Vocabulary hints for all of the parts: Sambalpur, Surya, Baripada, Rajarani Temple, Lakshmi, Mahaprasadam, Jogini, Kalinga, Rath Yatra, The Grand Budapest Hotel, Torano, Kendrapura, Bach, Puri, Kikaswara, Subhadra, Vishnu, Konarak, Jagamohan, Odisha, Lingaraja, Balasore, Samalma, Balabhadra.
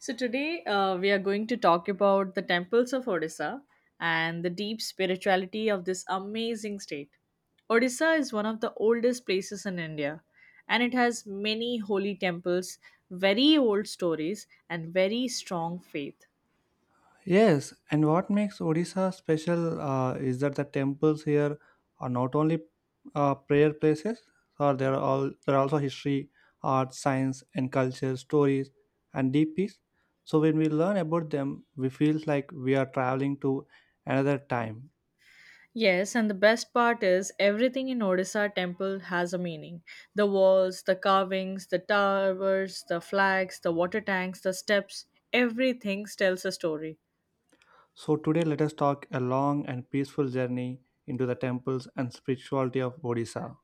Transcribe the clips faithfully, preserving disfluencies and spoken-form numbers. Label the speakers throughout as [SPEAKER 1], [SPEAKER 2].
[SPEAKER 1] So today uh, we are going to talk about the temples of Odisha and the deep spirituality of this amazing state. Odisha is one of the oldest places in India and it has many holy temples, very old stories and very strong faith.
[SPEAKER 2] Yes, and what makes Odisha special uh, is that the temples here are not only uh, prayer places, or there are all there are also history, art, science, and culture, stories, and deep peace. So when we learn about them, we feel like we are traveling to another time.
[SPEAKER 1] Yes, and the best part is everything in Odisha temple has a meaning. The walls, the carvings, the towers, the flags, the water tanks, the steps, everything tells a story.
[SPEAKER 2] So today, let us talk a long and peaceful journey into the temples and spirituality of Odisha.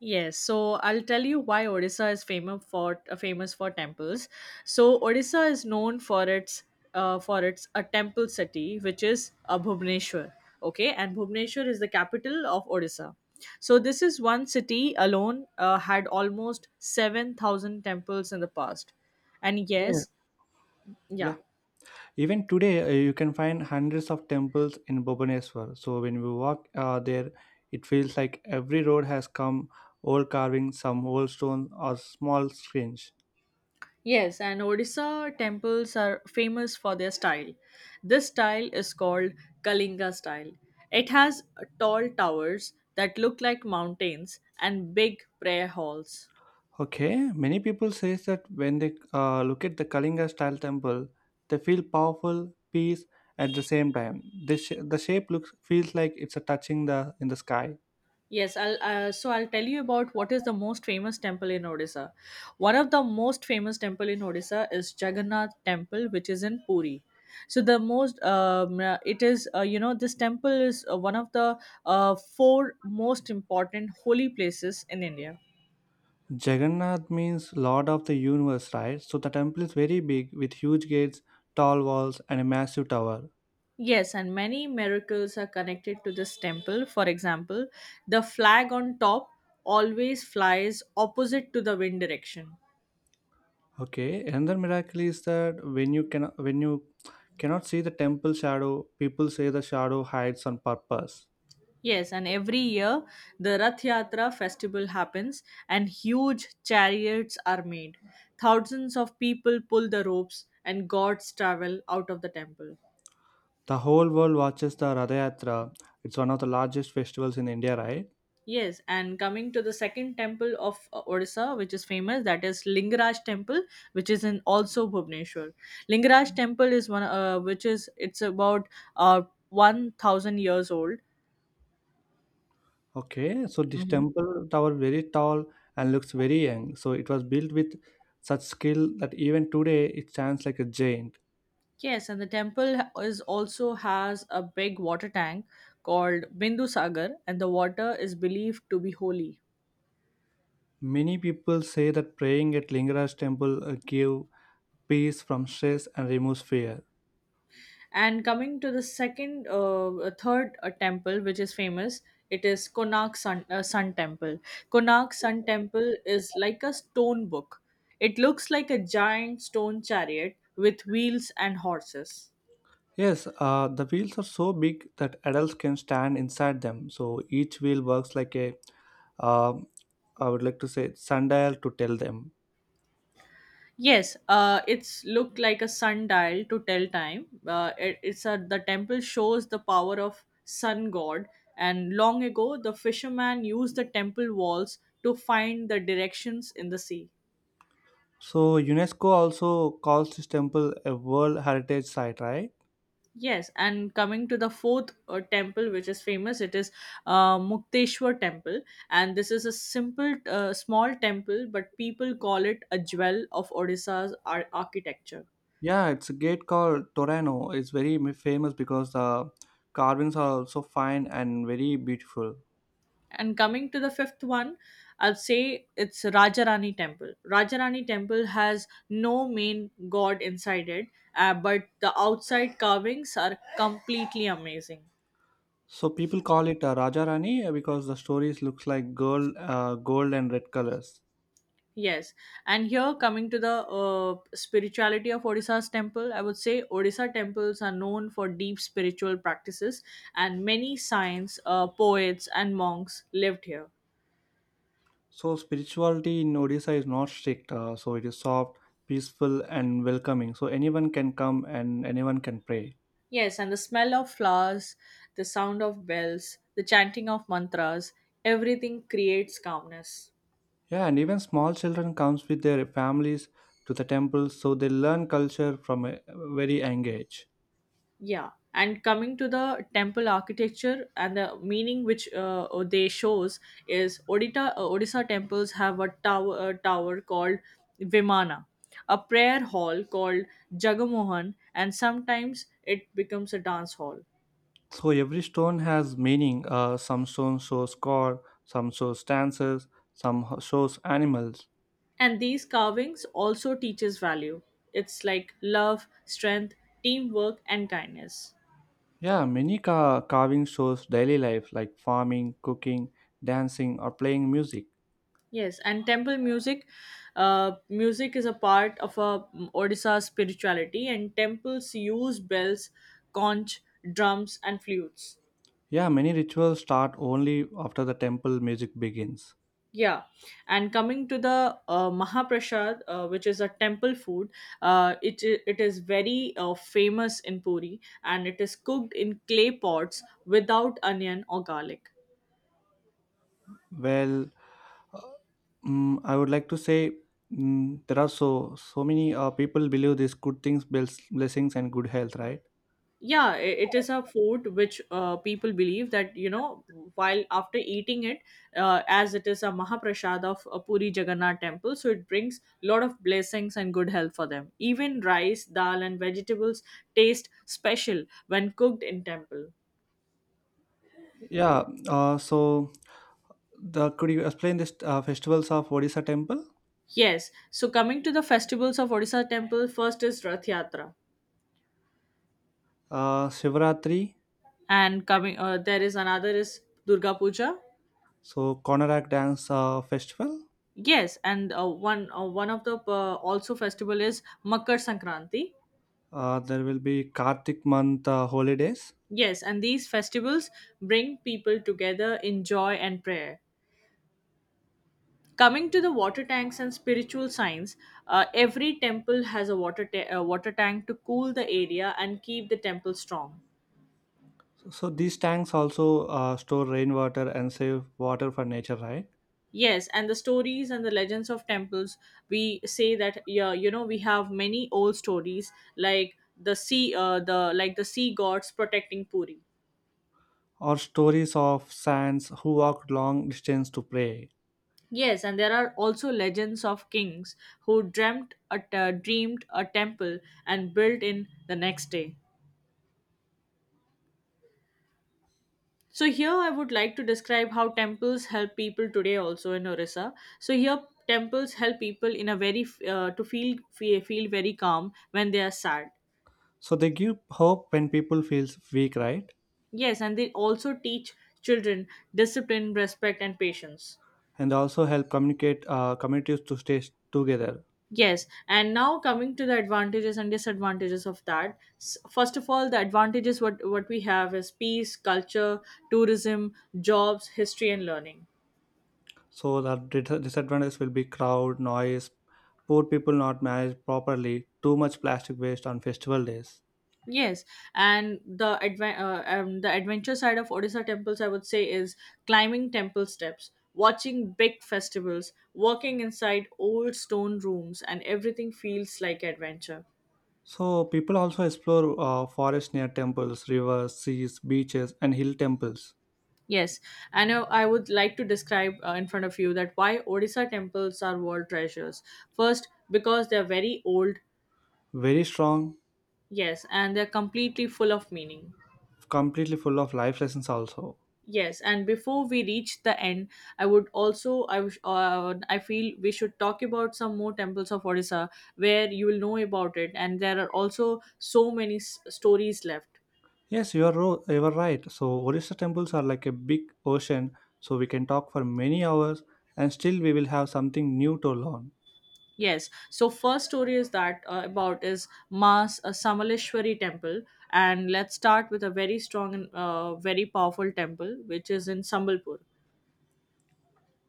[SPEAKER 1] Yes, so I'll tell you why Odisha is famous for uh, famous for temples. So Odisha is known for its uh, for its a temple city, which is uh, Bhubaneswar. Okay, and Bhubaneswar is the capital of Odisha. So this is one city alone uh, had almost seven thousand temples in the past, and
[SPEAKER 2] Yeah,
[SPEAKER 1] yes,
[SPEAKER 2] yeah.
[SPEAKER 1] yeah.
[SPEAKER 2] Even today, uh, you can find hundreds of temples in Bhubaneswar. So when we walk uh, there, it feels like every road has come old carving, some old stone or small screens.
[SPEAKER 1] Yes, and Odisha temples are famous for their style. This style is called Kalinga style. It has tall towers that look like mountains and big prayer halls.
[SPEAKER 2] Okay, many people says that when they uh, look at the Kalinga style temple, they feel powerful, peace at the same time. This sh- the shape looks feels like it's a touching the in the sky.
[SPEAKER 1] Yes, I'll, uh, so I'll tell you about what is the most famous temple in Odisha. One of the most famous temple in Odisha is Jagannath Temple, which is in Puri. So the most, um, uh, it is uh, you know this temple is uh, one of the uh, four most important holy places in India.
[SPEAKER 2] Jagannath means Lord of the Universe, right? So the temple is very big with huge gates, tall walls, and a massive tower.
[SPEAKER 1] Yes, and many miracles are connected to this temple. For example, the flag on top always flies opposite to the wind direction.
[SPEAKER 2] Okay, another miracle is that when you can when you cannot see the temple shadow, people say the shadow hides on purpose.
[SPEAKER 1] Yes, and every year the Rath Yatra festival happens and huge chariots are made. Thousands of people pull the ropes and gods travel out of the temple.
[SPEAKER 2] The whole world watches the Radhayatra. It's one of the largest festivals in India, right?
[SPEAKER 1] Yes, and coming to the second temple of uh, Odisha, which is famous, that is Lingaraj Temple, which is in also Bhubaneswar. Lingaraj Temple is one, uh, which is it's about uh one thousand years old.
[SPEAKER 2] Okay, so this
[SPEAKER 1] hmm
[SPEAKER 2] temple tower very tall and looks very young. So it was built with such skill that even today it stands like a giant.
[SPEAKER 1] Yes, and the temple ha- is also has a big water tank called Bindu Sagar, and the water is believed to be holy.
[SPEAKER 2] Many people say that praying at Lingaraja temple uh, give peace from stress and removes fear.
[SPEAKER 1] And coming to the second, uh, uh, third uh, temple, which is famous, it is Konark Sun, uh, Sun Temple. Konark Sun Temple is like a stone book. It looks like a giant stone chariot with wheels and horses.
[SPEAKER 2] Yes, uh, the wheels are so big that adults can stand inside them. So each wheel works like a, um, I would like to say, sundial to tell them.
[SPEAKER 1] Yes, uh, it's looked like a sundial to tell time. Uh, it, it's a the temple shows the power of sun god, and long ago the fisherman used the temple walls to find the directions in the sea.
[SPEAKER 2] So UNESCO also calls this temple a World Heritage Site, right?
[SPEAKER 1] Yes, and coming to the fourth uh, temple, which is famous, it is uh, Mukteshwar Temple, and this is a simple, uh, small temple, but people call it a jewel of Odisha's ar- architecture.
[SPEAKER 2] Yeah, it's a gate called Torano. It's very m- famous because the carvings are also fine and very beautiful.
[SPEAKER 1] And coming to the fifth one, I'll say it's Rajarani Temple. Rajarani Temple has no main god inside it, uh, but the outside carvings are completely amazing.
[SPEAKER 2] So people call it uh, Raja Rani uh, because the stories looks like gold, uh, gold and red colors.
[SPEAKER 1] Yes, and here coming to the uh, spirituality of Odisha's temple, I would say Odisha temples are known for deep spiritual practices, and many saints, uh, poets, and monks lived here.
[SPEAKER 2] So, spirituality in Odisha is not strict, uh, so it is soft, peaceful, and welcoming. So, anyone can come and anyone can pray.
[SPEAKER 1] Yes, and the smell of flowers, the sound of bells, the chanting of mantras, everything creates calmness.
[SPEAKER 2] Yeah, and even small children comes with their families to the temple, so they learn culture from a very young age.
[SPEAKER 1] Yeah, and coming to the temple architecture and the meaning which uh, uh, they shows is Odita uh, Odisha temples have a tower, a tower called Vimana, a prayer hall called Jagamohan, and sometimes it becomes a dance hall.
[SPEAKER 2] So, every stone has meaning. Uh, some stone shows God, some shows dances, some ho- shows animals.
[SPEAKER 1] And these carvings also teaches value. It's like love, strength, teamwork, and kindness.
[SPEAKER 2] Yeah, many ca- carving shows daily life like farming, cooking, dancing, or playing music.
[SPEAKER 1] Yes, and temple music, uh, music is a part of a mm, Odisha spirituality, and temples use bells, conch, drums, and flutes.
[SPEAKER 2] Yeah, many rituals start only after the temple music begins.
[SPEAKER 1] Yeah, and coming to the uh, Mahaprasad, uh, which is a temple food, uh, it i- it is very uh, famous in Puri, and it is cooked in clay pots without onion or garlic.
[SPEAKER 2] Well, uh, mm, I would like to say mm, there are so so many uh, people believe these good things, bless, blessings, and good health, right?
[SPEAKER 1] Yeah, i- it is a food which uh, people believe that you know while after eating it, uh, as it is a mahaprasad of uh, Puri Jagannath temple, so it brings lot of blessings and good health for them. Even rice, dal and vegetables taste special when cooked in temple.
[SPEAKER 2] Yeah. Uh, so, the could you explain this uh, festivals of Odisha temple?
[SPEAKER 1] Yes, so coming to the festivals of Odisha temple, first is Rath Yatra,
[SPEAKER 2] Uh, Shivaratri,
[SPEAKER 1] and coming uh, there is another is Durga Puja.
[SPEAKER 2] so Konarak dance uh, festival.
[SPEAKER 1] Yes, and uh, one uh, one of the uh, also festival is Makar Sankranti.
[SPEAKER 2] Uh, there will be Kartik month uh, holidays.
[SPEAKER 1] Yes, and these festivals bring people together in joy and prayer. Coming to the water tanks and spiritual signs, uh, every temple has a water, ta- uh, water tank to cool the area and keep the temple strong.
[SPEAKER 2] So, so these tanks also uh, store rainwater and save water for nature, right?
[SPEAKER 1] Yes, and the stories and the legends of temples, we say that yeah, you know, we have many old stories like the sea, uh, the like the sea gods protecting Puri.
[SPEAKER 2] Or stories of saints who walked long distance to pray.
[SPEAKER 1] Yes, and there are also legends of kings who dreamt a uh, dreamed a temple and built in the next day. So here I would like to describe how temples help people today also in Orissa. So here temples help people in a very f- uh, to feel fe- feel very calm when they are sad.
[SPEAKER 2] So they give hope when people feel weak, right?
[SPEAKER 1] Yes, and they also teach children discipline, respect and patience.
[SPEAKER 2] And they also help communicate uh, communities to stay together.
[SPEAKER 1] Yes, and now coming to the advantages and disadvantages of that. S- First of all, the advantages what what we have is peace, culture, tourism, jobs, history, and learning.
[SPEAKER 2] So the dis- disadvantage will be crowd, noise, poor people not managed properly, too much plastic waste on festival days.
[SPEAKER 1] Yes, and the adva- uh, um, the adventure side of Odisha temples, I would say, is climbing temple steps, watching big festivals, walking inside old stone rooms, and everything feels like adventure.
[SPEAKER 2] So people also explore uh, forests near temples, rivers, seas, beaches, and hill temples.
[SPEAKER 1] Yes, and uh, I would like to describe uh, in front of you that why Odisha temples are world treasures. First, because they're very old,
[SPEAKER 2] Very strong,
[SPEAKER 1] yes, and they're completely full of meaning.
[SPEAKER 2] completely full of life lessons also.
[SPEAKER 1] Yes, and before we reach the end, I would also I wish uh, I feel we should talk about some more temples of Odisha where you will know about it, and there are also so many s- stories left.
[SPEAKER 2] Yes, you are, ro- you are right. So, Orissa temples are like a big ocean, so we can talk for many hours and still we will have something new to learn.
[SPEAKER 1] Yes. So first story is that uh, about is Ma's uh, Samaleshwari temple, and let's start with a very strong and uh, very powerful temple, which is in Sambalpur.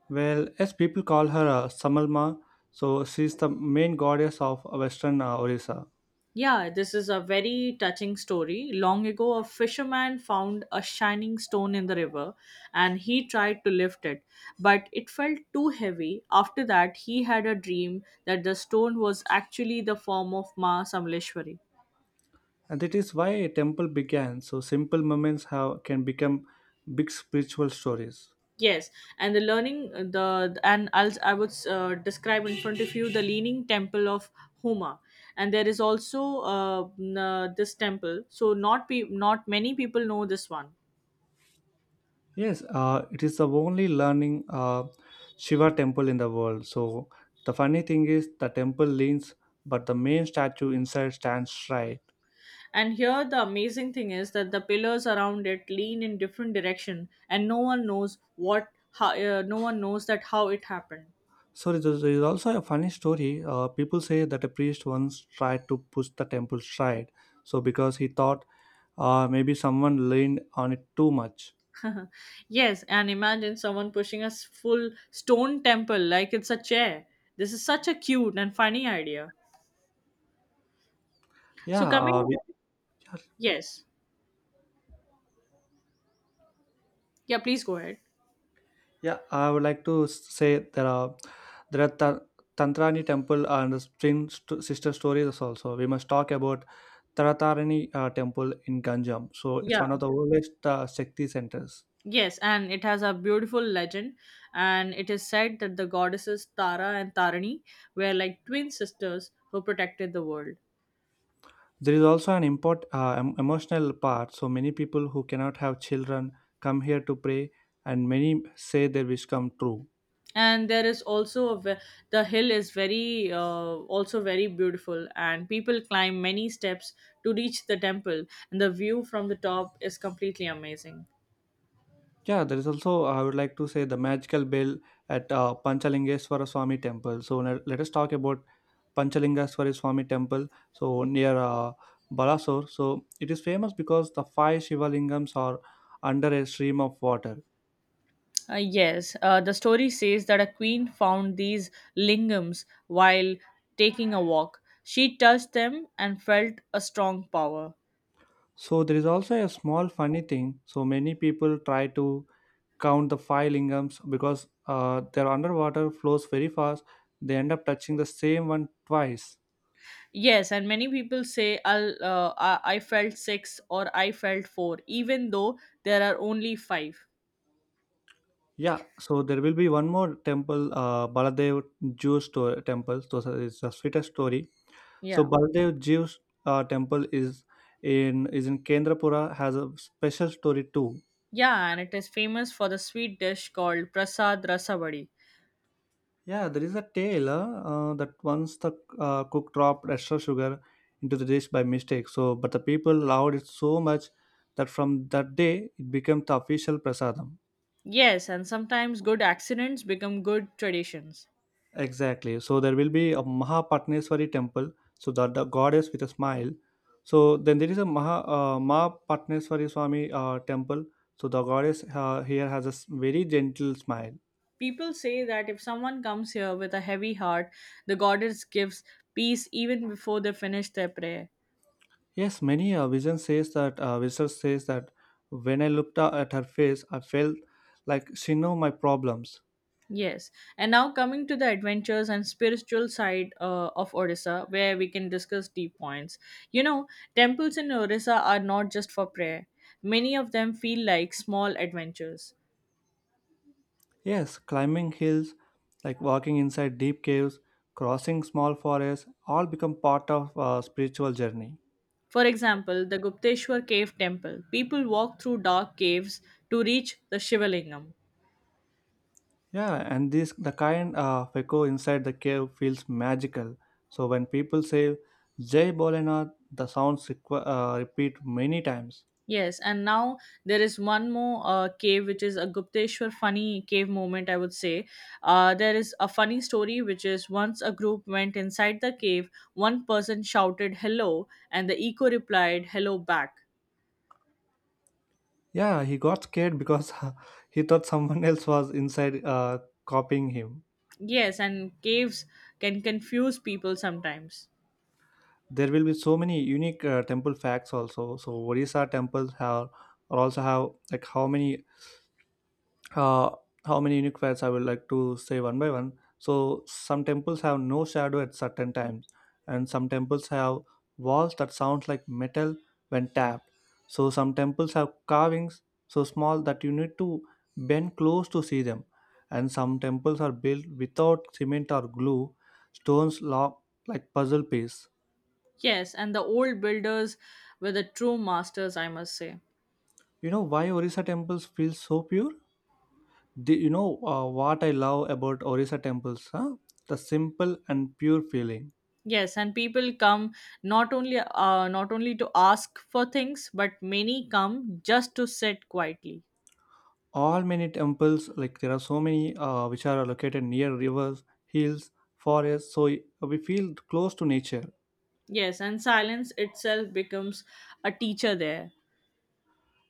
[SPEAKER 2] Well, as people call her uh, Samalma, so she's the main goddess of Western uh, Orissa.
[SPEAKER 1] Yeah, this is a very touching story. Long ago, a fisherman found a shining stone in the river, and he tried to lift it, but it felt too heavy. After that, he had a dream that the stone was actually the form of Ma Samleshwari.
[SPEAKER 2] And that is why a temple began. So, simple moments have, can become big spiritual stories.
[SPEAKER 1] Yes, and the learning uh, the and I'll, I would uh, describe in front of you the leaning temple of Huma, and there is also uh, n- uh, this temple. So not pe- not many people know this one.
[SPEAKER 2] Yes, uh, it is the only learning uh, Shiva temple in the world. So the funny thing is, the temple leans, but the main statue inside stands straight.
[SPEAKER 1] And here the amazing thing is that the pillars around it lean in different direction, and no one knows what how uh, no one knows that how it happened.
[SPEAKER 2] So there is there is also a funny story. Uh, people say that a priest once tried to push the temple straight, so because he thought uh, maybe someone leaned on it too much.
[SPEAKER 1] Yes, and imagine someone pushing a s- full stone temple like it's a chair. This is such a cute and funny idea. So
[SPEAKER 2] Yeah,
[SPEAKER 1] coming
[SPEAKER 2] uh, we,
[SPEAKER 1] Yes. Yeah, please go ahead.
[SPEAKER 2] Yeah, I would like to s- say there are there are Ta- Tantrani temple and the spring st- sister stories also. We must talk about Taratarani uh, temple in Ganjam. So it's
[SPEAKER 1] Yeah.
[SPEAKER 2] one of the oldest uh, Shakti centers.
[SPEAKER 1] Yes, and it has a beautiful legend and it is said that the goddesses Tara and Tarani were like twin sisters who protected the world.
[SPEAKER 2] There is also an import uh, em- emotional part. So many people who cannot have children come here to pray, and many say their wish come true.
[SPEAKER 1] And there is also a ve- the hill is very uh, also very beautiful and people climb many steps to reach the temple and the view from the top is completely amazing.
[SPEAKER 2] Yeah, there is also I would like to say the magical bell at uh, Panchalingeswara Swami temple. So now let us talk about Panchalingaswari Swami temple, so near uh, Balasore. So it is famous because the five Shivalingams are under a stream of water.
[SPEAKER 1] Uh, yes, uh, the story says that a queen found these lingams while taking a walk. She touched them and felt a strong power.
[SPEAKER 2] So there is also a small funny thing. So many people try to count the five lingams because uh, their underwater flows very fast. They end up touching the same one twice.
[SPEAKER 1] Yes, and many people say I'll, uh, I I felt six or I felt four, even though there are only five.
[SPEAKER 2] Yeah, so there will be one more temple, uh, Baladev Jew store temple. So it's a sweetest story. So
[SPEAKER 1] Yeah.
[SPEAKER 2] Baldev Jiv's uh, temple is in is in Kendrapura has a special story too.
[SPEAKER 1] Yeah, and it is famous for the sweet dish called Prasad Rasavadi.
[SPEAKER 2] Yeah, there is a tale uh, uh, that once the uh, cook dropped extra sugar into the dish by mistake. So, but the people loved it so much that from that day it became the official prasadam.
[SPEAKER 1] Yes, and sometimes good accidents become good traditions.
[SPEAKER 2] Exactly. So there will be a Mahapatneswari temple, so the the goddess with a smile. So then there is a Maha uh, Mahapatneswari Swami uh, temple, so the goddess uh, here has a s- very gentle smile.
[SPEAKER 1] People say that if someone comes here with a heavy heart, the goddess gives peace even before they finish their prayer.
[SPEAKER 2] Yes, many uh, vision says that uh, research says that when I looked a- at her face, I felt like she knew my problems.
[SPEAKER 1] Yes. And now coming to the adventures and spiritual side uh, of Odisha, where we can discuss deep points. You know, temples in Odisha are not just for prayer, many of them feel like small adventures.
[SPEAKER 2] Yes, climbing hills, like walking inside deep caves, crossing small forests, all become part of a spiritual journey.
[SPEAKER 1] For example, the Gupteshwar Cave Temple. People walk through dark caves to reach the Shivalingam.
[SPEAKER 2] Yeah, and this the kind of echo inside the cave feels magical. So when people say Jai Bolenath, the sounds requ- uh, repeat many times.
[SPEAKER 1] Yes, and now there is one more uh, cave, which is a Gupteshwar funny cave moment, I would say. Uh, there is a funny story, which is once a group went inside the cave, one person shouted hello, and the echo replied hello back.
[SPEAKER 2] Yeah, he got scared because he thought someone else was inside uh, copying him.
[SPEAKER 1] Yes, and caves can confuse people sometimes.
[SPEAKER 2] There will be so many unique uh, temple facts also. So Orissa temples have also have like how many uh, how many unique wares I would like to say one by one. So some temples have no shadow at certain times, and some temples have walls that sound like metal when tapped. So some temples have carvings so small that you need to bend close to see them, and some temples are built without cement or glue, stones locked like puzzle piece.
[SPEAKER 1] Yes, and the old builders were the true masters, I must say.
[SPEAKER 2] You know why Orissa temples feel so pure? The, you know uh, What I love about Orissa temples, huh? The simple and pure feeling.
[SPEAKER 1] Yes, and people come not only uh, not only to ask for things, but many come just to sit quietly.
[SPEAKER 2] All Many temples like there are so many uh, which are located near rivers hills forests, so we feel close to nature.
[SPEAKER 1] Yes, and silence itself becomes a teacher there.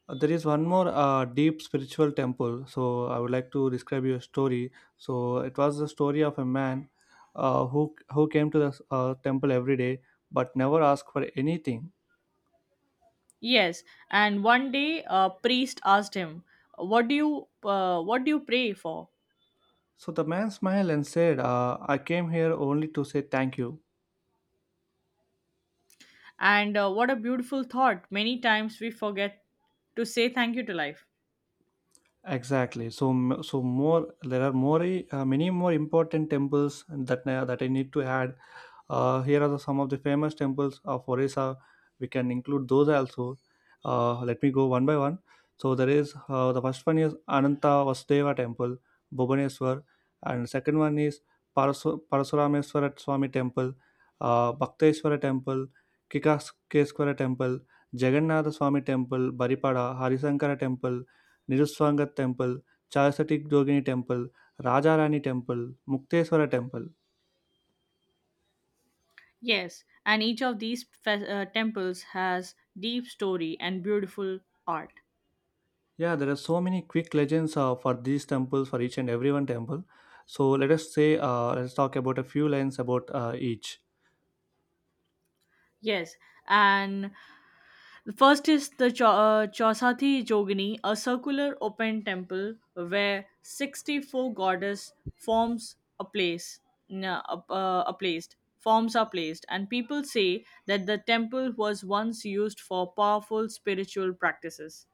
[SPEAKER 2] Uh, there is one more uh, deep spiritual temple, so I would like to describe your story. So it was the story of a man uh, who who came to the uh, temple every day but never asked for anything.
[SPEAKER 1] Yes, and one day a priest asked him, "What do you uh, what do you pray for?"
[SPEAKER 2] So the man smiled and said, uh, "I came here only to say thank you."
[SPEAKER 1] And uh, what a beautiful thought. Many times we forget to say thank you to life.
[SPEAKER 2] Exactly. So, m- so more there are more i- uh, many more important temples that I- that I need to add. Uh, here are the, some of the famous temples of Orissa. We can include those also. Uh, let me go one by one. So there is uh, the first one is Ananta Vasudeva Temple, Bhubaneswar, and second one is Parasu- Parasurameswara Swami Temple, uh, Bhakteswara Temple, Kikaswara Temple, Jagannatha Swami Temple, Baripada, Harisankara Temple. నిరుత్సాంగ temple, Charismatic Jogini temple, Rajarani temple, Mukteswara temple.
[SPEAKER 1] Yes, and each of these fe- uh, temples has deep story and beautiful art.
[SPEAKER 2] Yeah, there are so many quick legends uh, for these temples, for each and every one temple. So let us say, uh, let's talk about a few lines about uh, each.
[SPEAKER 1] Yes, and the first is the Cho- uh, Chausathi Jogini, a circular open temple where sixty-four goddess forms a place, na- a, uh, a placed forms are placed, and people say that the temple was once used for powerful spiritual practices.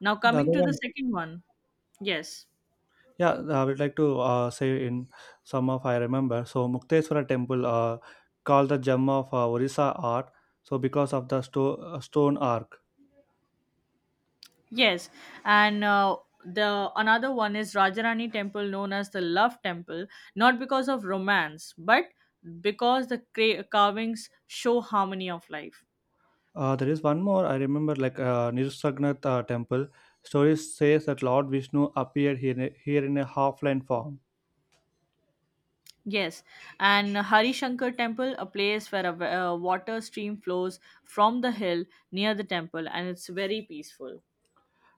[SPEAKER 1] Now
[SPEAKER 2] The
[SPEAKER 1] coming
[SPEAKER 2] other
[SPEAKER 1] to the
[SPEAKER 2] one,
[SPEAKER 1] second one, yes.
[SPEAKER 2] yeah, I would like to uh, say in some of I remember. So Mukteswara temple, uh, called the gem of uh, Orissa art. So because of the sto- uh, stone arc.
[SPEAKER 1] Yes, and uh, the another one is Rajarani Temple, known as the Love Temple, not because of romance, but because the cra- carvings show harmony of life.
[SPEAKER 2] Uh, there is one more I remember, like uh, Nirusagnath uh, temple. Stories says that Lord Vishnu appeared here in a, here in a half-line form,
[SPEAKER 1] Yes, and Hari Shankar Temple, a place where a wa- uh, water stream flows from the hill near the temple, and it's very peaceful.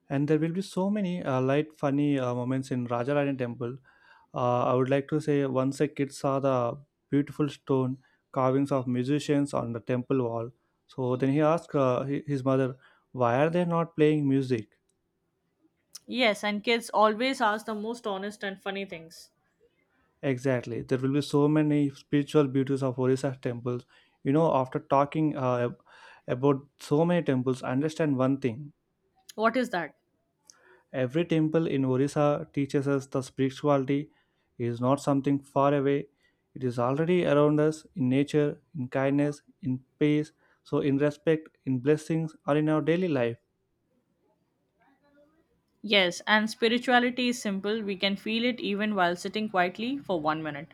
[SPEAKER 2] and there will be so many uh, light, funny uh, moments in Rajarani temple. Uh, I would like to say once a kid saw the beautiful stone carvings of musicians on the temple wall. So then he asked uh, hi- his mother, "Why are they not playing music?"
[SPEAKER 1] Yes, and kids always ask the most honest and funny things.
[SPEAKER 2] Exactly. There will be so many spiritual beauties of Orissa temples. You know, after talking uh, about so many temples, understand one thing.
[SPEAKER 1] What is that?
[SPEAKER 2] Every temple in Orissa teaches us the spirituality is not something far away. It is already around us in nature, in kindness, in peace, so in respect, in blessings, or in our daily life.
[SPEAKER 1] Yes, and spirituality is simple. We can feel it even while sitting quietly for one minute.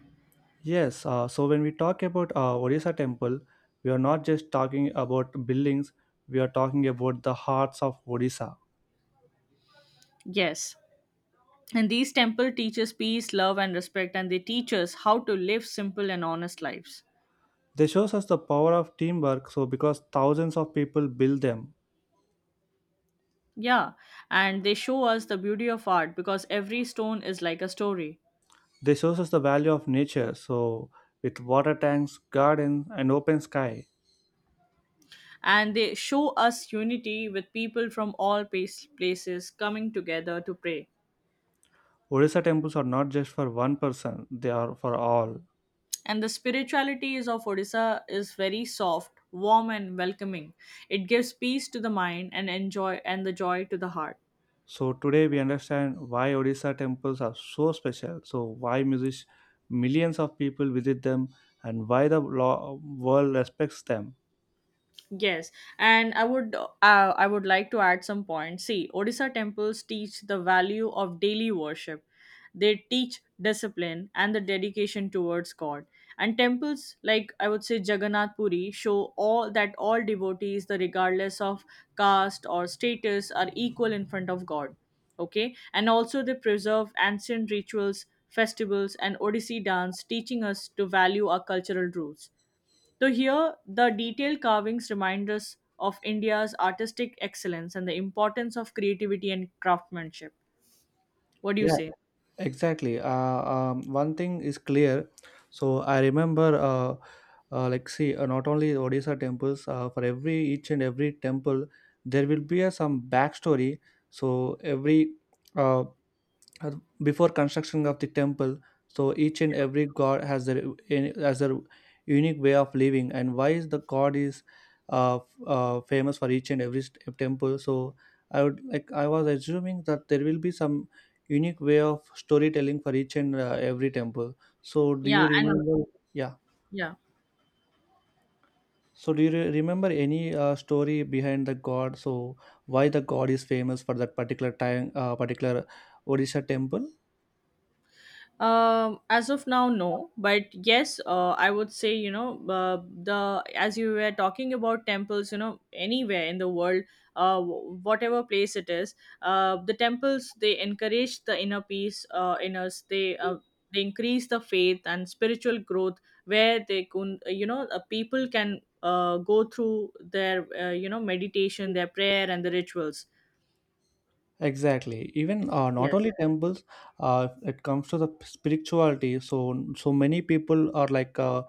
[SPEAKER 2] Yes, uh, so when we talk about uh, Orissa temple, we are not just talking about buildings, we are talking about the hearts of Odisha.
[SPEAKER 1] Yes. And these temple teaches peace, love, and respect, and they teach us how to live simple and honest lives.
[SPEAKER 2] They shows us the power of teamwork. So because thousands of people build them,
[SPEAKER 1] Yeah, and they show us the beauty of art because every stone is like a story.
[SPEAKER 2] they shows us the value of nature. So with water tanks, gardens, and open sky,
[SPEAKER 1] And they show us unity with people from all pace- places coming together to pray.
[SPEAKER 2] Odisha temples are not just for one person; they are for all.
[SPEAKER 1] And the spirituality is of Odisha is very soft, warm, and welcoming. It gives peace to the mind and enjoy and the joy to the heart.
[SPEAKER 2] So today we understand why Odisha temples are so special. So why music, millions of people visit them, and why the law, world respects them.
[SPEAKER 1] Yes, and I would uh, I would like to add some points. See, Odisha temples teach the value of daily worship. They teach discipline and the dedication towards God. And temples like I would say Jagannath Puri show all that all devotees, the regardless of caste or status, are equal in front of God. Okay, and also they preserve ancient rituals, festivals, and Odissi dance, teaching us to value our cultural roots. So here, the detailed carvings remind us of India's artistic excellence and the importance of creativity and craftsmanship. What do you
[SPEAKER 2] Yeah,
[SPEAKER 1] say?
[SPEAKER 2] exactly. Uh, um, one thing is clear. So I remember, uh, uh, like, see, uh, not only Odisha temples. Uh, for every each and every temple, there will be a, some backstory. So every uh, uh, before construction of the temple, so each and every god has their in- has their unique way of living, and why is the god is uh, f- uh, famous for each and every st- temple. So I would like I was assuming that there will be some unique way of storytelling for each and uh, every temple. So do you
[SPEAKER 1] Yeah, and
[SPEAKER 2] remember? Yeah,
[SPEAKER 1] yeah.
[SPEAKER 2] so do you re- remember any uh, story behind the god, so why the god is famous for that particular time uh, particular Odisha temple?
[SPEAKER 1] Um, as of now, no. But yes, uh, I would say, you know, uh, the, as you were talking about temples, you know, anywhere in the world, uh, w- whatever place it is, uh, the temples, they encourage the inner peace uh, in us. They uh, they increase the faith and spiritual growth where they can, you know, uh, people can uh, go through their, uh, you know, meditation, their prayer, and the rituals.
[SPEAKER 2] Exactly. Even uh, not only
[SPEAKER 1] Yes,
[SPEAKER 2] temples, uh, it comes to the spirituality. So so many people are like uh,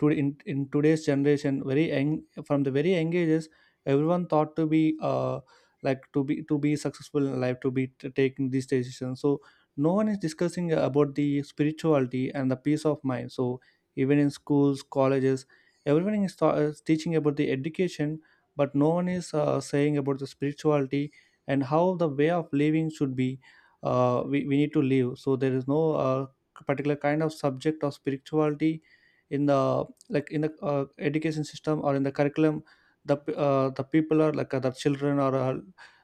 [SPEAKER 2] to in, in today's generation, very young, from the very young ages, everyone thought to be uh, like to be to be successful in life, to be t- taking these decisions. So no one is discussing about the spirituality and the peace of mind. So even in schools, colleges, everyone is, th- is teaching about the education, but no one is uh, saying about the spirituality and how the way of living should be uh, we, we need to live. So there is no uh, particular kind of subject of spirituality in the like in the uh, education system or in the curriculum the p- uh, the people are like uh, the children are uh,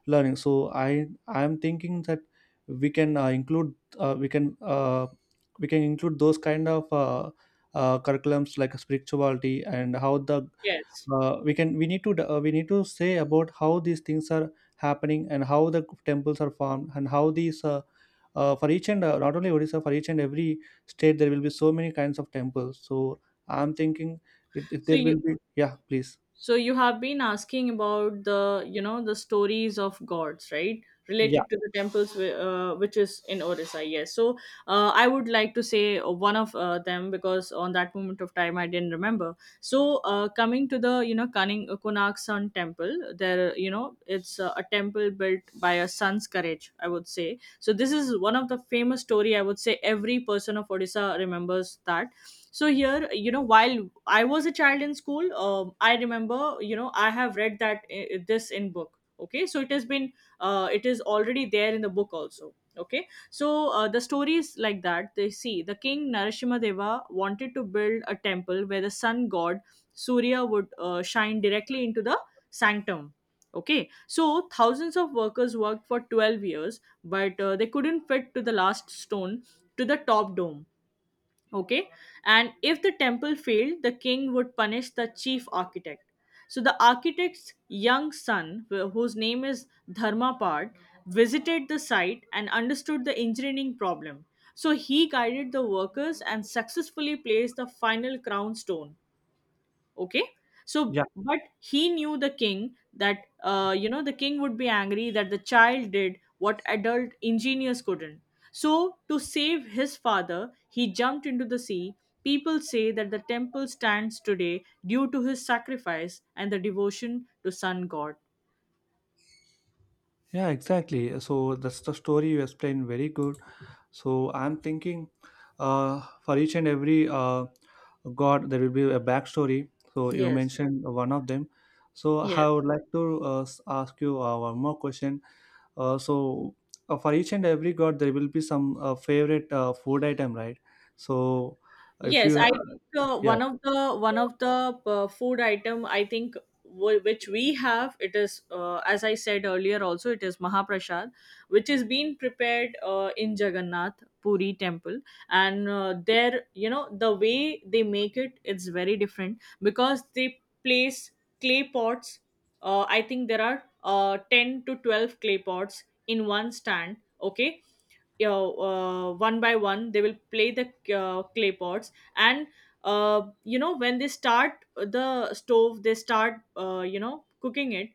[SPEAKER 2] learning. So i i am thinking that we can uh, include, uh, we can uh, we can include those kind of uh, uh, curriculums, like spirituality, and how the
[SPEAKER 1] yes.
[SPEAKER 2] uh, we can, we need to uh, we need to say about how these things are happening and how the temples are formed and how these uh, uh, for each and uh, not only Odisha, for each and every state there will be so many kinds of temples. So I'm thinking, if, if
[SPEAKER 1] So
[SPEAKER 2] there will
[SPEAKER 1] you
[SPEAKER 2] be, yeah, please.
[SPEAKER 1] So you have been asking about the, you know, the stories of gods, right?
[SPEAKER 2] Yeah.
[SPEAKER 1] Related to the temples, whi- uh, which is in Orissa, yes. So uh, I would like to say one of uh, them because on that moment of time I didn't remember. So uh, coming to the, you know, Kaning, uh, Konark Sun Temple, there, you know, it's uh, a temple built by a sun's courage, I would say. So this is one of the famous story, I would say every person of Odisha remembers that. So here, you know, while I was a child in school, um, I remember, you know, I have read that uh, this in book. Okay, so it has been uh, it is already there in the book also. Okay. So uh, the story is like that. They see the king Narasimha Deva wanted to build a temple where the sun god Surya would uh, shine directly into the sanctum. Okay, so thousands of workers worked for twelve years, but uh, they couldn't fit to the last stone to the top dome. Okay. And if the temple failed, the king would punish the chief architect. So the architect's young son, wh- whose name is Dharmapad, visited the site and understood the engineering problem. So he guided the workers and successfully placed the final crown stone. Okay. So
[SPEAKER 2] Yeah,
[SPEAKER 1] but he knew the king that, uh, you know, the king would be angry that the child did what adult engineers couldn't. So to save his father, he jumped into the sea. People say that the temple stands today due to his sacrifice and the devotion to sun god.
[SPEAKER 2] yeah, exactly. So that's the story you explained, very good. So I'm thinking uh, for each and every uh, god there will be a backstory. So you
[SPEAKER 1] Yes,
[SPEAKER 2] mentioned one of them. So
[SPEAKER 1] yes.
[SPEAKER 2] I would like to uh, s- ask you uh, one more question. Uh, so uh, for each and every god there will be some uh, favorite uh, food item, right? So if
[SPEAKER 1] Yes,
[SPEAKER 2] you
[SPEAKER 1] I
[SPEAKER 2] ha-
[SPEAKER 1] think uh,
[SPEAKER 2] yeah.
[SPEAKER 1] one of the one of the uh, food item, I think, w- which we have, it is, uh, as I said earlier also, it is Mahaprasad, which is being prepared uh, in Jagannath Puri temple. And uh, there, you know, the way they make it, it's very different because they place clay pots. uh, I think there are uh, ten to twelve clay pots in one stand. Okay, you know, uh, one by one they will play the uh, clay pots. And uh, you know, when they start the stove, they start, uh, you know, cooking it.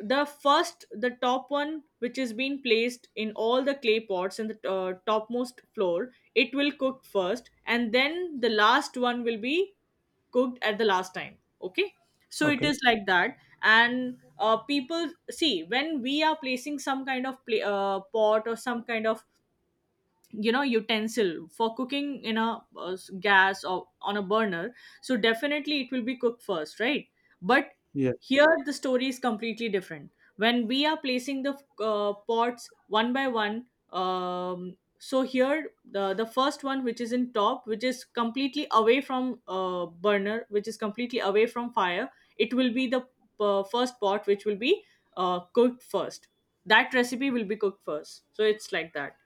[SPEAKER 1] The first, the top one which is being placed in all the clay pots in the uh, topmost floor, it will cook first, and then the last one will be cooked at the last time. Okay, so it
[SPEAKER 2] Okay.
[SPEAKER 1] is like that. And uh, people see, when we are placing some kind of pla uh, pot or some kind of, you know, utensil for cooking in a uh, s- gas or on a burner, so definitely it will be cooked first, right? But
[SPEAKER 2] Yeah.
[SPEAKER 1] here the story is completely different. When we are placing the uh, pots one by one, um, so here, the, the first one which is in top, which is completely away from uh, burner, which is completely away from fire, it will be the uh, first pot which will be uh, cooked first, that recipe will be cooked first. So it's like that.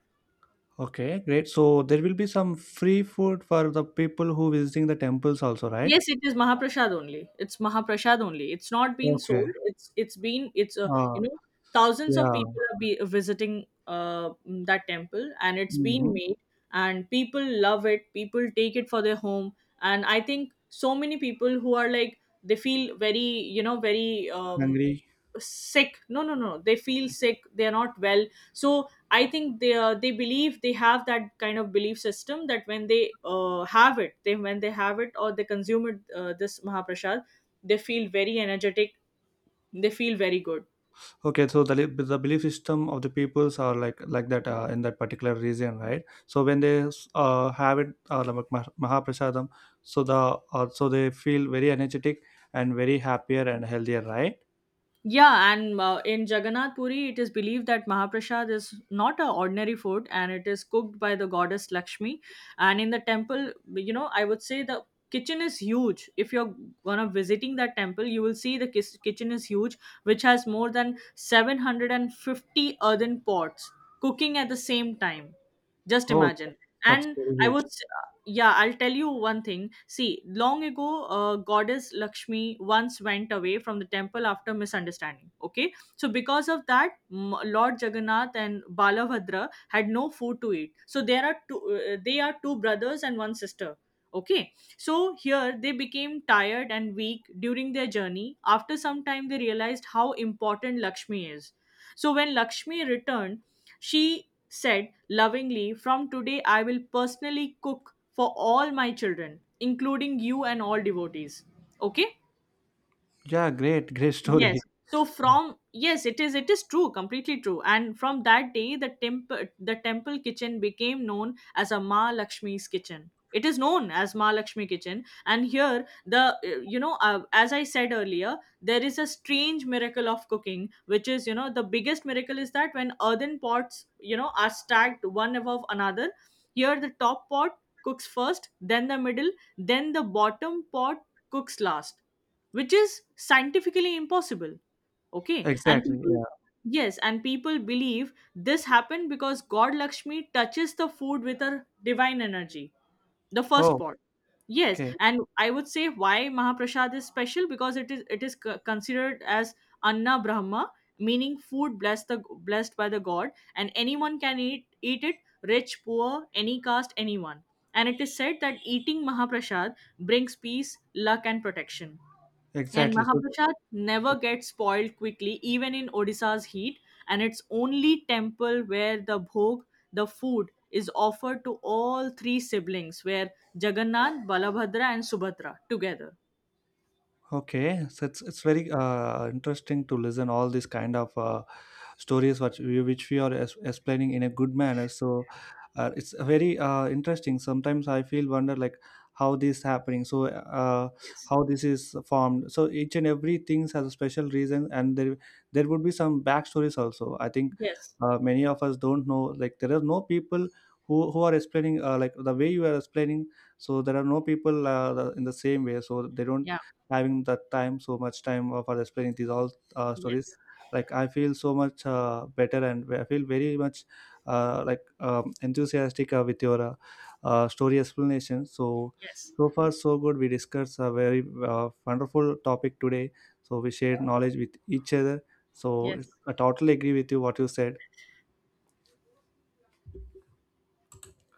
[SPEAKER 2] Okay, great. So there will be some free food for the people who visiting the temples also, right?
[SPEAKER 1] Yes, it is Mahaprasad only. It's Mahaprasad only. It's not been
[SPEAKER 2] Okay.
[SPEAKER 1] sold. It's it's been it's a,
[SPEAKER 2] Uh,
[SPEAKER 1] you know, thousands of
[SPEAKER 2] yeah.
[SPEAKER 1] people are be visiting uh mm, that temple and it's been
[SPEAKER 2] Mm-hmm.
[SPEAKER 1] made. And people love it. People take it for their home. And I think so many people who are like, they feel very, you know, very um
[SPEAKER 2] Hungry.
[SPEAKER 1] sick. No, no, no, they feel sick, they're not well. So I think they uh, they believe they have that kind of belief system that when they uh, have it, they, when they have it or they consume it, uh, this Mahaprasad, they feel very energetic, they feel very good.
[SPEAKER 2] Okay, so the, li- the belief system of the peoples are like like that uh, in that particular region, right? So when they uh, have it, uh, like Mah- Mahaprasadam, so the uh, so they feel very energetic and very happier and healthier, right?
[SPEAKER 1] Yeah, and uh, in Jagannath Puri, it is believed that Mahaprasad is not an ordinary food and it is cooked by the goddess Lakshmi. And in the temple, you know, I would say the kitchen is huge. If you're one of visiting that temple, you will see the kis- kitchen is huge, which has more than seven hundred fifty earthen pots cooking at the same time. Just
[SPEAKER 2] Oh,
[SPEAKER 1] imagine.
[SPEAKER 2] that's
[SPEAKER 1] And
[SPEAKER 2] very
[SPEAKER 1] i
[SPEAKER 2] huge.
[SPEAKER 1] would s- yeah, I'll tell you one thing. See, long ago, uh, goddess Lakshmi once went away from the temple after misunderstanding. Okay, so because of that, m- Lord Jagannath and Balabhadra had no food to eat. So there are two uh, they are two brothers and one sister. Okay, so here they became tired and weak during their journey. After some time, they realized how important Lakshmi is. So when Lakshmi returned, she said lovingly, "From today, I will personally cook for all my children, including you and all devotees." Okay?
[SPEAKER 2] Yeah, great, great story.
[SPEAKER 1] Yes. So
[SPEAKER 2] Yeah.
[SPEAKER 1] from, yes, it is, it is true, completely true. And from that day, the temple the temple kitchen became known as a Ma Lakshmi's kitchen. It is known as Ma Lakshmi kitchen, and here the, uh, you know, uh, as I said earlier, there is a strange miracle of cooking, which is, you know, the biggest miracle is that when earthen pots, you know, are stacked one above another, here the top pot cooks first, then the middle, then the bottom pot cooks last, which is scientifically impossible. Okay, and
[SPEAKER 2] Exactly.
[SPEAKER 1] people,
[SPEAKER 2] Yeah.
[SPEAKER 1] yes, and people believe this happened because god Lakshmi touches the food with her divine energy, the first
[SPEAKER 2] Oh,
[SPEAKER 1] pot. Yes,
[SPEAKER 2] okay.
[SPEAKER 1] and I would say why Mahaprasad is special, because it is, it is c- considered as Anna Brahma, meaning food blessed, the blessed by the god, and anyone can eat eat it, rich, poor, any caste, anyone. And it is said that eating Mahaprasad brings peace, luck, and protection. And
[SPEAKER 2] Exactly. So
[SPEAKER 1] Mahaprasad never gets spoiled quickly, even in Odisha's heat, and it's only temple where the bhog, the food, is offered to all three siblings, where Jagannath, Balabhadra, and Subhadra together.
[SPEAKER 2] okay, so it's it's
[SPEAKER 1] Yes.
[SPEAKER 2] very uh, interesting to listen all these kind of uh, stories which we, which we are es- explaining in a good manner. So uh, it's very uh, interesting. Sometimes I feel wonder like how this happening. So uh,
[SPEAKER 1] Yes.
[SPEAKER 2] how this is formed. So each and every things has a special reason, and there there would be some backstories also. I think
[SPEAKER 1] Yes.
[SPEAKER 2] uh, many of us don't know. Like there are no people who who are explaining uh, like the way you are explaining. So there are no people uh, the, in the same way. So they don't
[SPEAKER 1] Yeah.
[SPEAKER 2] having that time so much time uh, for explaining these all uh, stories.
[SPEAKER 1] Yes.
[SPEAKER 2] Like I feel so much uh, better and I feel very much uh, like um, enthusiastic uh, with your uh, uh, story explanation. So
[SPEAKER 1] Yes.
[SPEAKER 2] so far so good, we discussed a very uh, wonderful topic today. So we shared knowledge with each other. So
[SPEAKER 1] Yes.
[SPEAKER 2] I totally agree with you what you said.